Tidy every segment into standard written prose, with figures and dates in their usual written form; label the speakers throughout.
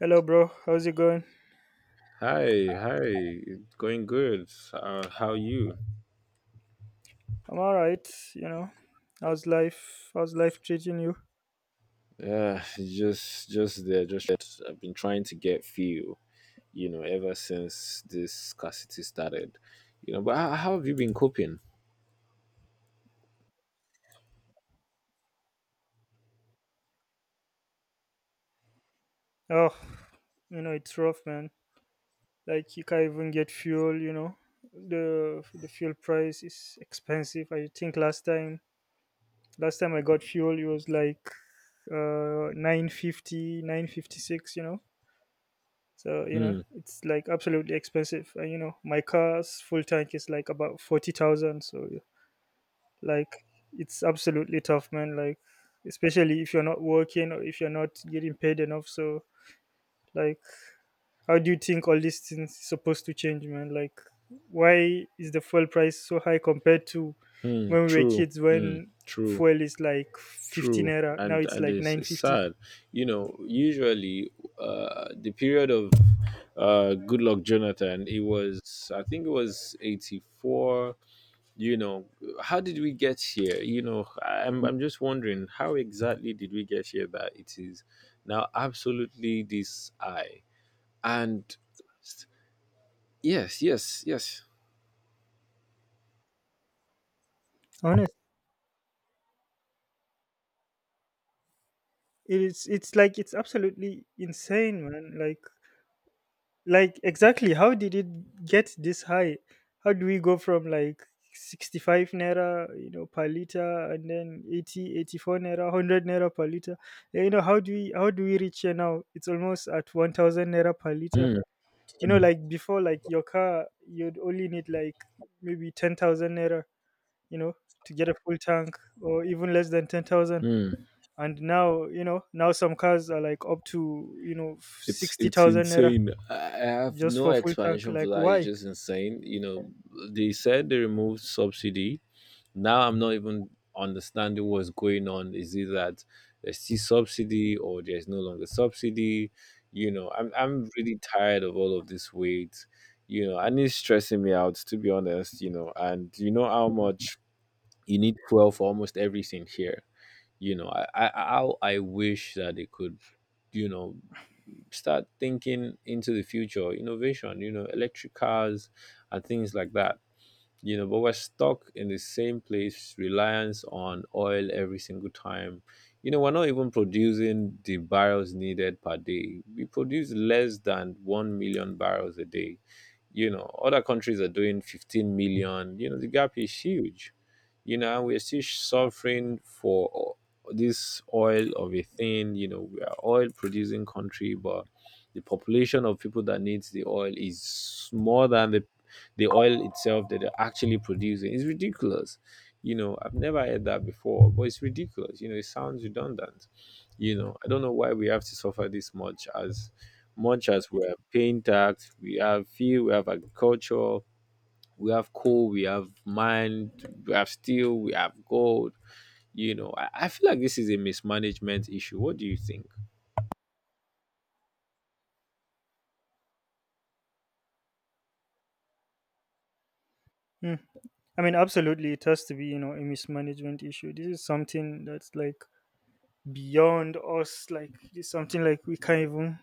Speaker 1: Hello, bro. How's it going?
Speaker 2: Hi, hi. It's going good. How you?
Speaker 1: I'm all right. You know, how's life? How's life treating you?
Speaker 2: Just there. Just I've been trying to get fuel. You know, ever since this scarcity started. You know, but how have you been coping?
Speaker 1: Oh, it's rough, man. Like you can't even get fuel. The fuel price is expensive. I think last time I got fuel, it was like 950, 956. So
Speaker 2: Hmm.
Speaker 1: it's like absolutely expensive. And my car's full tank is like about 40,000. So, like, it's absolutely tough, man. Like especially if you're not working or if you're not getting paid enough. So like how do you think all these things is supposed to change, man? Like why is the fuel price so high compared to
Speaker 2: Hmm.
Speaker 1: when we were
Speaker 2: True.
Speaker 1: kids,
Speaker 2: Hmm.
Speaker 1: when
Speaker 2: True.
Speaker 1: fuel is like 15
Speaker 2: True.
Speaker 1: era, now
Speaker 2: And
Speaker 1: it's
Speaker 2: and
Speaker 1: like
Speaker 2: it's
Speaker 1: 950?
Speaker 2: sad. You know, usually, the period of Good Luck Jonathan. It was, I think it was 84. You know, how did we get here? You know, I'm just wondering how exactly did we get here, that it is now absolutely this. I, and yes, yes, yes.
Speaker 1: Honest, it's like it's absolutely insane, man. Like exactly how did it get this high? How do we go from like 65 naira, per liter, and then 80, 84 naira, 100 naira per liter? Yeah, how do we reach here? Now it's almost at 1000 naira per liter.
Speaker 2: Mm, mm,
Speaker 1: Like before, like your car, you'd only need like maybe 10,000 naira, you know to get a full tank, or even less than 10,000.
Speaker 2: mm.
Speaker 1: And now, now some cars are like up to,
Speaker 2: It's
Speaker 1: 60,000 naira
Speaker 2: insane. I have
Speaker 1: just
Speaker 2: no
Speaker 1: for full tank.
Speaker 2: explanation for
Speaker 1: Like
Speaker 2: that. it's
Speaker 1: why?
Speaker 2: just insane you know They said they removed subsidy. Now I'm not even understanding what's going on. Is it that there's still subsidy, or there's no longer subsidy? You know, I'm really tired of all of this weight, you know, and it's stressing me out, to be honest, you know, and you know how much you need fuel for almost everything here. You know, I how I wish that they could, you know, start thinking into the future innovation, you know, electric cars and things like that. You know, but we're stuck in the same place, reliance on oil every single time. You know, we're not even producing the barrels needed per day. We produce less than 1 million barrels a day. You know, other countries are doing 15 million. You know, the gap is huge. You know, we're still suffering for this oil of a thing. You know, we are oil producing country, but the population of people that needs the oil is more than the oil itself that they're actually producing. It's ridiculous. You know, I've never heard that before, but it's ridiculous. You know, it sounds redundant. You know, I don't know why we have to suffer this much. As much as we're paying tax, we have fuel, we have agriculture, we have coal, we have mine, we have steel, we have gold. You know, I feel like this is a mismanagement issue. What do you think?
Speaker 1: Hmm. I mean, absolutely it has to be, a mismanagement issue. This is something that's like beyond us, like it's something like we can't even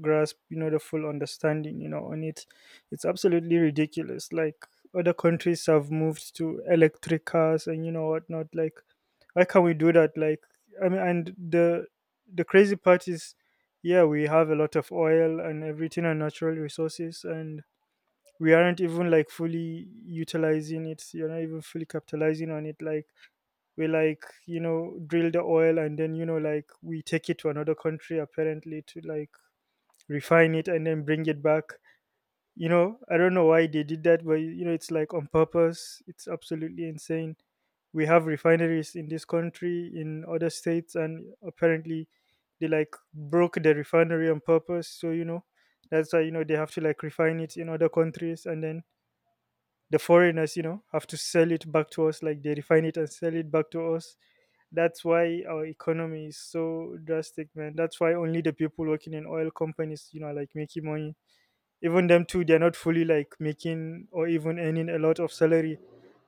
Speaker 1: grasp, the full understanding, on it. It's absolutely ridiculous, like other countries have moved to electric cars and, whatnot, like why can't we do that? Like, I mean, and the crazy part is, yeah, we have a lot of oil and everything, and natural resources, and we aren't even like fully utilizing it, so you're not even fully capitalizing on it. Like, we, like, drill the oil, and then, like we take it to another country, apparently to like refine it and then bring it back. I don't know why they did that, but it's like on purpose. It's absolutely insane. We have refineries in this country, in other states, and apparently they like broke the refinery on purpose, so that's why they have to like refine it in other countries, and then the foreigners, have to sell it back to us, like they refine it and sell it back to us. That's why our economy is so drastic, man. That's why only the people working in oil companies, are, like, making money. Even them too, they're not fully like making or even earning a lot of salary,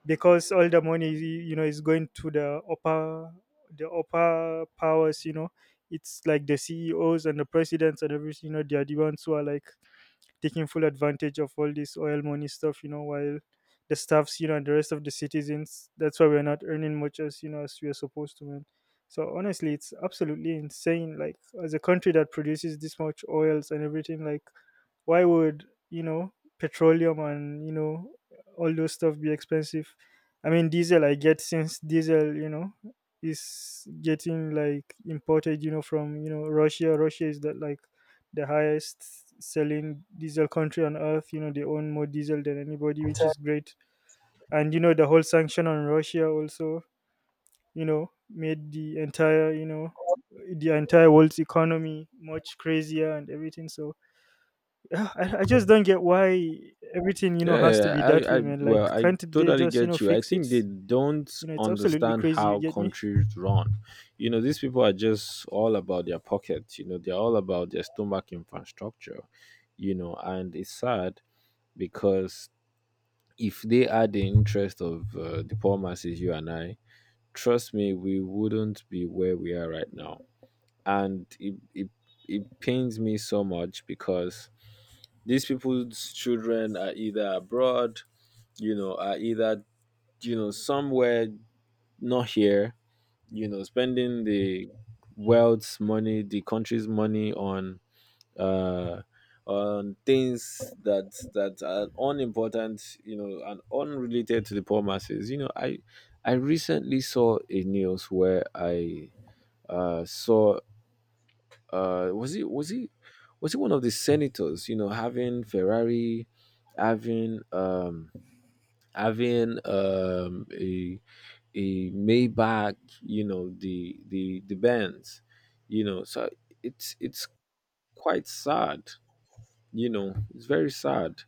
Speaker 1: because all the money, is going to the upper powers. It's like the CEOs and the presidents and everything. They are the ones who are like taking full advantage of all this oil money stuff, while the staffs, and the rest of the citizens, that's why we're not earning much as, as we are supposed to, man. So honestly, it's absolutely insane. Like, as a country that produces this much oils and everything, like why would, you know, petroleum and, all those stuff be expensive? I mean, diesel, I get, since diesel, is getting like imported, from Russia. Russia is that like the highest selling diesel country on earth. They own more diesel than anybody, which is great. And the whole sanction on Russia also, made the entire world's economy much crazier and everything. So yeah, I just don't get why everything, has to
Speaker 2: Yeah,
Speaker 1: be that
Speaker 2: I,
Speaker 1: way, man.
Speaker 2: well,
Speaker 1: Like,
Speaker 2: I
Speaker 1: can't they
Speaker 2: totally
Speaker 1: just,
Speaker 2: get you. I
Speaker 1: fix it?
Speaker 2: think they don't
Speaker 1: It's absolutely
Speaker 2: understand
Speaker 1: crazy. You
Speaker 2: how
Speaker 1: get me?
Speaker 2: countries run. You know, these people are just all about their pockets. You know, they're all about their stomach infrastructure. You know, and it's sad because if they had the interest of the poor masses, you and I, trust me, we wouldn't be where we are right now. And it pains me so much because these people's children are either abroad, you know, are either, you know, somewhere not here, you know, spending the world's money, the country's money uh on things that are unimportant. You know, and unrelated to the poor masses. You know, I recently saw a news where I saw uh was he was he was he one of the senators, you know, having Ferrari, having having a Maybach, you know, the Benz. You know, so it's quite sad. You know, it's very sad.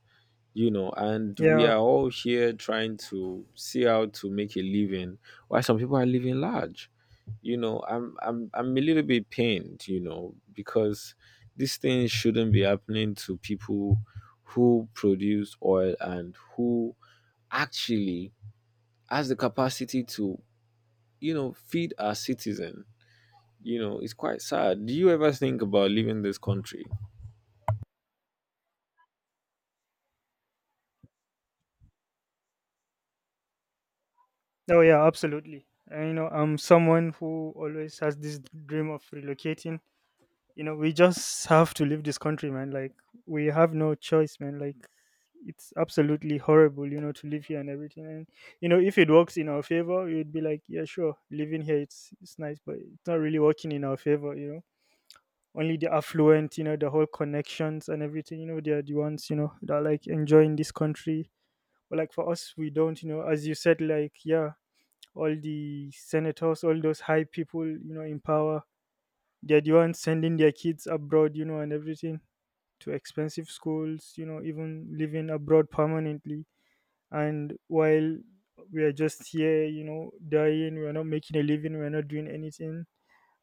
Speaker 2: You know, and we
Speaker 1: Yeah.
Speaker 2: are all here trying to see how to make a living, why some people are living large, you know. I'm a little bit pained, you know, because these things shouldn't be happening to people who produce oil and who actually has the capacity to, you know, feed our citizen. You know, it's quite sad. Do you ever think about leaving this country?
Speaker 1: Oh, yeah, absolutely. And, I'm someone who always has this dream of relocating. We just have to leave this country, man. Like, we have no choice, man. Like, it's absolutely horrible, to live here and everything. And, if it works in our favor, we would be like, yeah, sure, living here, it's nice, but it's not really working in our favor. Only the affluent, the whole connections and everything, they're the ones, that are like enjoying this country. But like for us, we don't, as you said, like, yeah, all the senators, all those high people, in power, they're the ones sending their kids abroad, and everything, to expensive schools, even living abroad permanently. And while we are just here, dying, we're not making a living, we're not doing anything.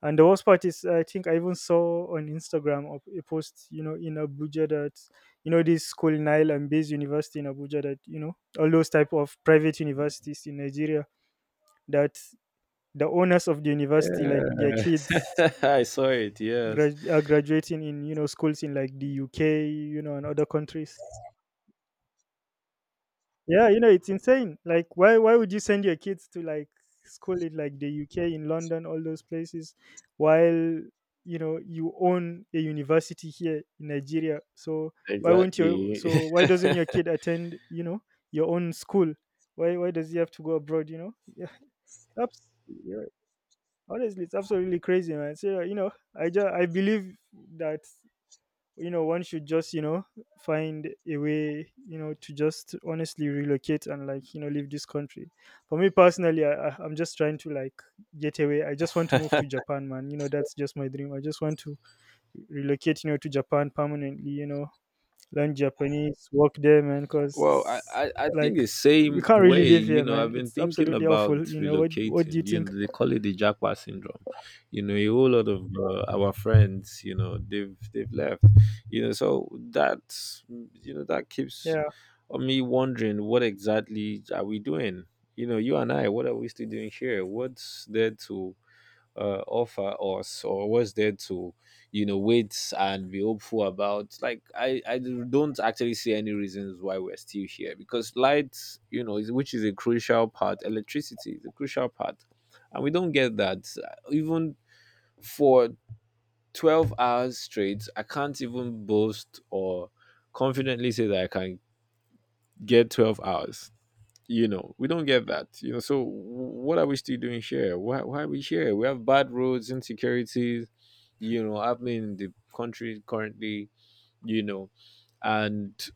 Speaker 1: And the worst part is, I think I even saw on Instagram a post, in Abuja, that, this school Nile and Base University in Abuja, that, all those type of private universities in Nigeria, that the owners of the university, like their kids,
Speaker 2: Yeah, I saw it. Yes,
Speaker 1: are graduating in, schools in like the UK, and other countries. Yeah, it's insane. Like, why would you send your kids to like school in like the UK, in London, all those places, while you know you own a university here in Nigeria? So why won't you?
Speaker 2: exactly.
Speaker 1: So why doesn't your kid attend? Your own school. Why does he have to go abroad? Yeah, yeah, honestly, it's absolutely crazy, man. So I believe that one should just find a way to just honestly relocate, and like leave this country. For me personally, I'm just trying to like get away. I just want to move to Japan, man. That's just my dream. I just want to relocate, to Japan permanently. Learn Japanese, work there, man,
Speaker 2: Well,
Speaker 1: because
Speaker 2: I think
Speaker 1: like
Speaker 2: the
Speaker 1: we
Speaker 2: same
Speaker 1: can't really
Speaker 2: way.
Speaker 1: live
Speaker 2: You
Speaker 1: here,
Speaker 2: know, I've
Speaker 1: man.
Speaker 2: been
Speaker 1: It's
Speaker 2: thinking
Speaker 1: absolutely
Speaker 2: about
Speaker 1: awful. What do you
Speaker 2: relocating. You
Speaker 1: think?
Speaker 2: know, they call it the Jackpot syndrome. You know, a whole lot of our friends, you know, they've left. You know, so that, you know, that keeps
Speaker 1: Yeah,
Speaker 2: me wondering, what exactly are we doing? You know, you and I, what are we still doing here? What's there to offer us, or what's there to, you know, wait and be hopeful about? Like I don't actually see any reasons why we're still here. Because light, you know, is, which is a crucial part. Electricity is a crucial part, and we don't get that. Even for 12 hours straight, I can't even boast or confidently say that I can get 12 hours. You know, we don't get that. You know, so what are we still doing here? Why are we here? We have bad roads, insecurities, you know, happening in the country currently. You know, and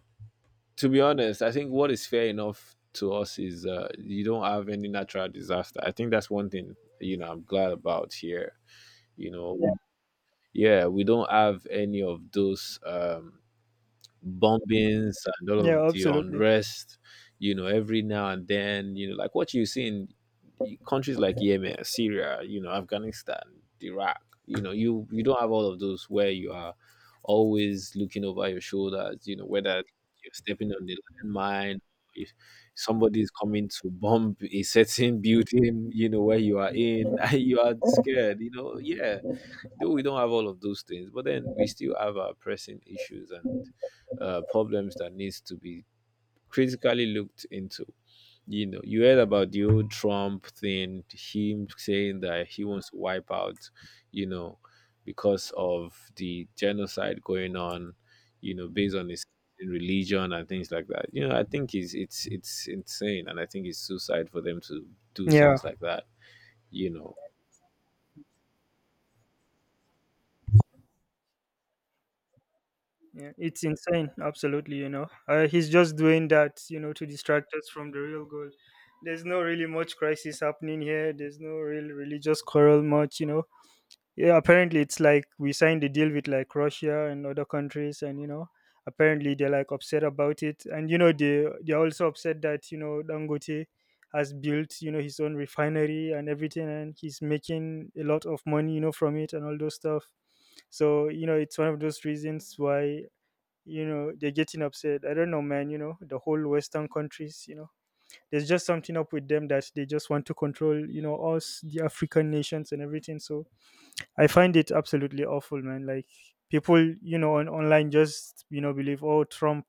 Speaker 2: to be honest, I think what is fair enough to us is you don't have any natural disaster. I think that's one thing, you know, I'm glad about here. You know, yeah, yeah, we don't have any of those bombings and all
Speaker 1: yeah,
Speaker 2: of the
Speaker 1: absolutely.
Speaker 2: unrest, you know, every now and then, you know, like what you see in countries like Yemen, Syria, you know, Afghanistan, Iraq, you know, you don't have all of those where you are always looking over your shoulders, you know, whether you're stepping on the landmine, if somebody's coming to bomb a certain building, you know, where you are in, and you are scared, you know, yeah, though we don't have all of those things, but then we still have our pressing issues and problems that needs to be critically looked into. You know, you heard about the old Trump thing, him saying that he wants to wipe out, you know, because of the genocide going on, you know, based on his religion and things like that. You know, I think it's insane, and I think it's suicide for them to do
Speaker 1: Yeah.
Speaker 2: things like that, you know.
Speaker 1: Yeah, it's insane. Absolutely, he's just doing that, to distract us from the real goal. There's no really much crisis happening here. There's no real religious quarrel much. Yeah, apparently it's like we signed a deal with like Russia and other countries, and apparently they're like upset about it, and they're also upset that Dangote has built his own refinery and everything, and he's making a lot of money, from it and all those stuff. So it's one of those reasons why they're getting upset. I don't know, man. The whole Western countries, there's just something up with them that they just want to control, us, the African nations, and everything. So I find it absolutely awful, man. Like people, on online, just believe, oh, Trump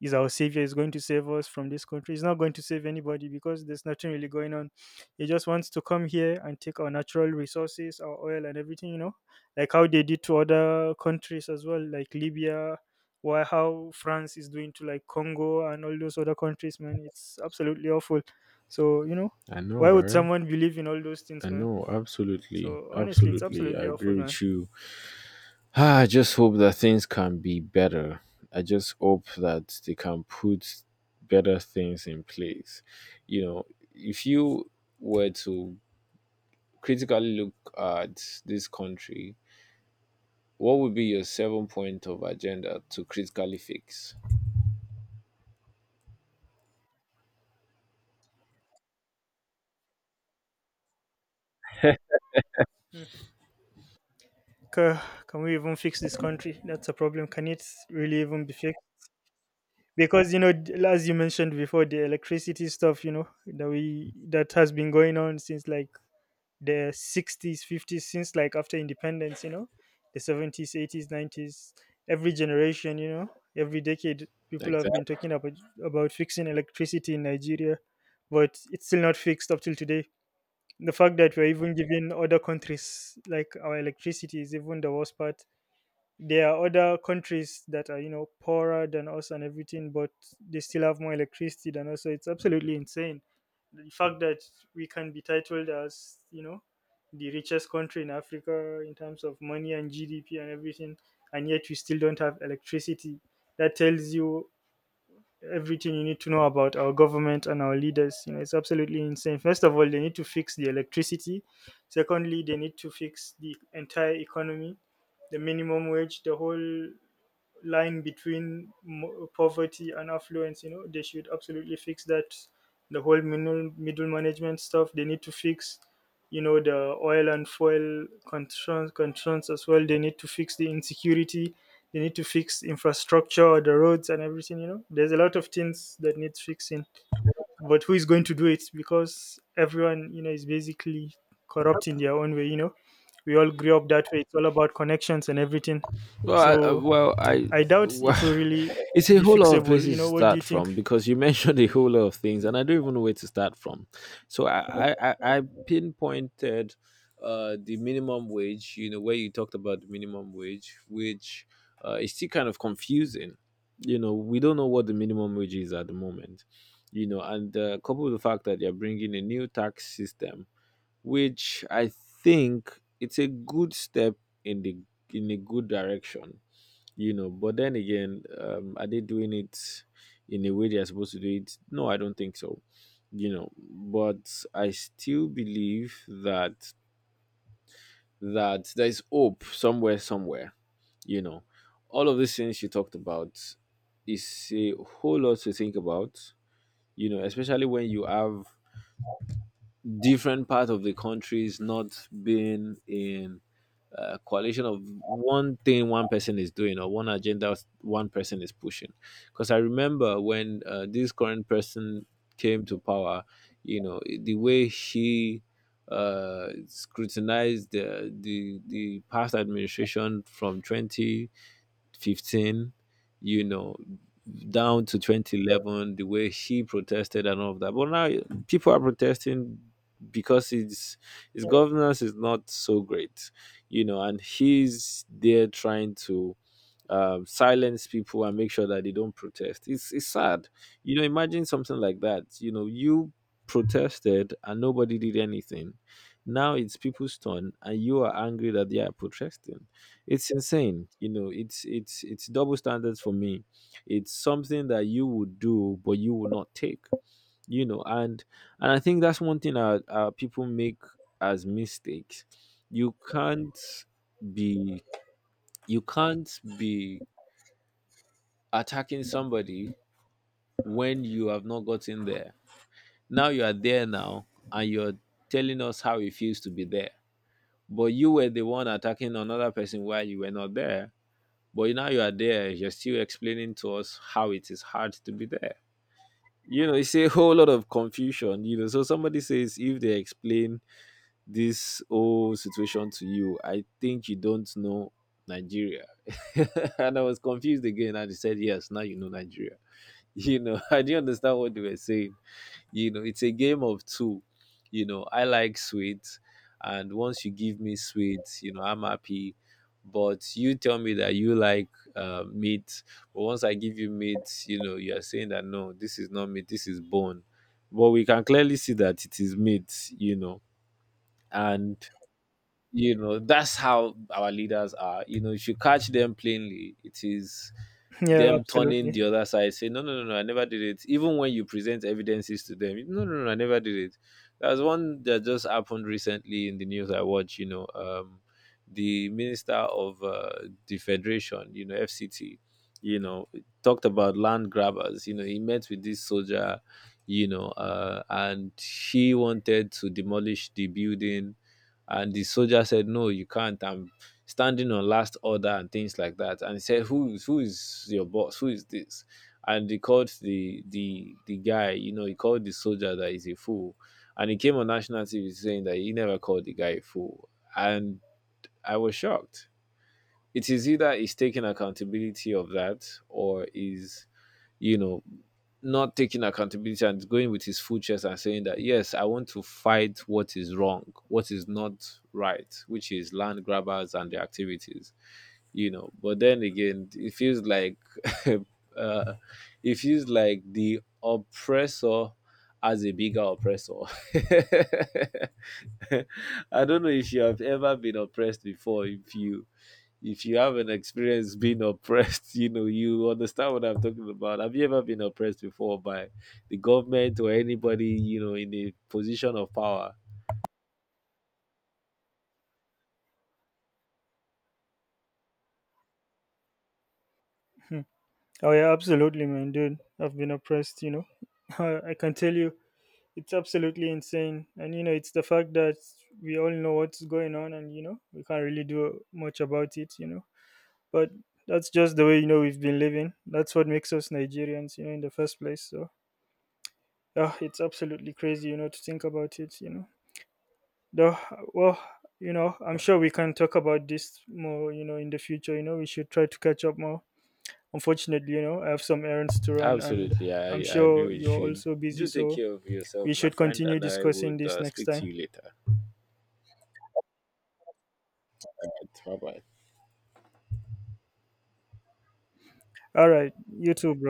Speaker 1: is our savior, is going to save us from this country. He's not going to save anybody, because there's nothing really going on. He just wants to come here and take our natural resources, our oil and everything, like how they did to other countries as well, like Libya, or how France is doing to like Congo and all those other countries, man. It's absolutely awful. So
Speaker 2: I know,
Speaker 1: why would
Speaker 2: right?
Speaker 1: someone believe in all those things, man?
Speaker 2: No, absolutely,
Speaker 1: So honestly, it's
Speaker 2: absolutely. I
Speaker 1: absolutely awful,
Speaker 2: agree
Speaker 1: man.
Speaker 2: with you. Ah, I just hope that things can be better. I just hope that they can put better things in place. You know, if you were to critically look at this country, what would be your 7-point of agenda to critically fix?
Speaker 1: Hmm. Ca- can we even fix this country? That's a problem. Can it really even be fixed? Because as you mentioned before, the electricity stuff, that has been going on since like the 60s, 50s, since like after independence. The 70s, 80s, 90s, every generation, every decade, people have
Speaker 2: Exactly.
Speaker 1: been talking about fixing electricity in Nigeria. But it's still not fixed up till today. The fact that we're even giving other countries like our electricity is even the worst part. There are other countries that are, poorer than us and everything, but they still have more electricity than us, so it's absolutely insane. The fact that we can be titled as, the richest country in Africa, in terms of money and GDP and everything, and yet we still don't have electricity, that tells you everything you need to know about our government and our leaders. It's absolutely insane. First of all, they need to fix the electricity. Secondly, they need to fix the entire economy, the minimum wage, the whole line between poverty and affluence. They should absolutely fix that. The whole middle management stuff they need to fix. The oil and fuel concerns as well, they need to fix the insecurity. They need to fix infrastructure, the roads and everything. There's a lot of things that needs fixing. But who is going to do it? Because everyone, is basically corrupt in their own way. We all grew up that way. It's all about connections and everything.
Speaker 2: Well,
Speaker 1: So I doubt it will
Speaker 2: well,
Speaker 1: really
Speaker 2: it's a
Speaker 1: be
Speaker 2: whole lot of
Speaker 1: fixable. You
Speaker 2: places to
Speaker 1: know, what do
Speaker 2: start
Speaker 1: you think?
Speaker 2: from, because you mentioned a whole lot of things, and I don't even know where to start from. So I pinpointed the minimum wage. You know, where you talked about the minimum wage, which is still kind of confusing. You know, we don't know what the minimum wage is at the moment. You know, and coupled with the fact that they're bringing a new tax system, which I think it's a good step in the, in a good direction. You know, but then again, are they doing it in a way they are supposed to do it? No, I don't think so. You know, but I still believe that there is hope somewhere, somewhere. You know, all of these things you talked about is a whole lot to think about. You know, especially when you have different part of the countries not being in coalition of one thing one person is doing, or one agenda one person is pushing. Because I remember when this current person came to power, you know, the way she scrutinized the past administration from 2015, you know, down to 2011, the way he protested and all of that. But now people are protesting, because his governance is not so great, you know, and he's there trying to silence people and make sure that they don't protest. It's sad. You know, imagine something like that. You know, you protested and nobody did anything. Now it's people's turn and you are angry that they are protesting. It's insane. You know, it's double standards for me. It's something that you would do but you will not take. You know, and I think that's one thing that people make as mistakes. You can't be, you can't be attacking somebody when you have not gotten there. Now you are there now, and you're telling us how it feels to be there. But you were the one attacking another person while you were not there. But now you are there, you're still explaining to us how it is hard to be there. You know, it's a whole lot of confusion, you know. So somebody says, if they explain this whole situation to you, I think you don't know Nigeria. And I was confused again and he said, yes, now you know Nigeria. You know, I didn't understand what they were saying. You know, it's a game of two. You know, I like sweet, and once you give me sweet, you know, I'm happy. But you tell me that you like meat, but once I give you meat, you know, you're saying that no, this is not meat, this is bone. But we can clearly see that it is meat, you know. And, you know, that's how our leaders are. You know, if you catch them plainly, it is
Speaker 1: Yeah,
Speaker 2: them turning the
Speaker 1: absolutely.
Speaker 2: other side saying no, no, no, no, I never did it. Even when you present evidences to them, no, no, no, I never did it. There's one that just happened recently in the news I watch, you know, the minister of the federation, you know, FCT, you know, talked about land grabbers. You know, he met with this soldier, you know, and he wanted to demolish the building. And the soldier said, no, you can't. I'm standing on last order and things like that. And he said, who is, who is your boss? Who is this? And he called the guy, you know, he called the soldier that is a fool. And he came on national TV saying that he never called the guy a fool. And I was shocked. It is either he's taking accountability of that, or is, you know, not taking accountability and going with his full chest and saying that yes, I want to fight what is wrong, what is not right, which is land grabbers and their activities. You know, but then again, it feels like, uh, it feels like the oppressor as a bigger oppressor. I don't know if you have ever been oppressed before. If you, if you have an experience being oppressed, you know, you understand what I'm talking about. Have you ever been oppressed before by the government or anybody, you know, in a position of power?
Speaker 1: Hmm. Oh, yeah, absolutely, man, dude. I've been oppressed. I can tell you, it's absolutely insane. And, it's the fact that we all know what's going on, and, we can't really do much about it. But that's just the way, we've been living. That's what makes us Nigerians, in the first place. So, it's absolutely crazy, to think about it. Though, well, I'm sure we can talk about this more, in the future. We should try to catch up more. Unfortunately, I have some errands to run, and
Speaker 2: Absolutely,
Speaker 1: I'm
Speaker 2: I agree
Speaker 1: sure
Speaker 2: with
Speaker 1: you're
Speaker 2: you.
Speaker 1: also busy.
Speaker 2: Do take
Speaker 1: So
Speaker 2: care of
Speaker 1: we
Speaker 2: yourself, my
Speaker 1: should
Speaker 2: friend,
Speaker 1: continue
Speaker 2: and I
Speaker 1: discussing
Speaker 2: would
Speaker 1: this next
Speaker 2: speak to
Speaker 1: time.
Speaker 2: you later. Bye bye.
Speaker 1: All right. You too, bro.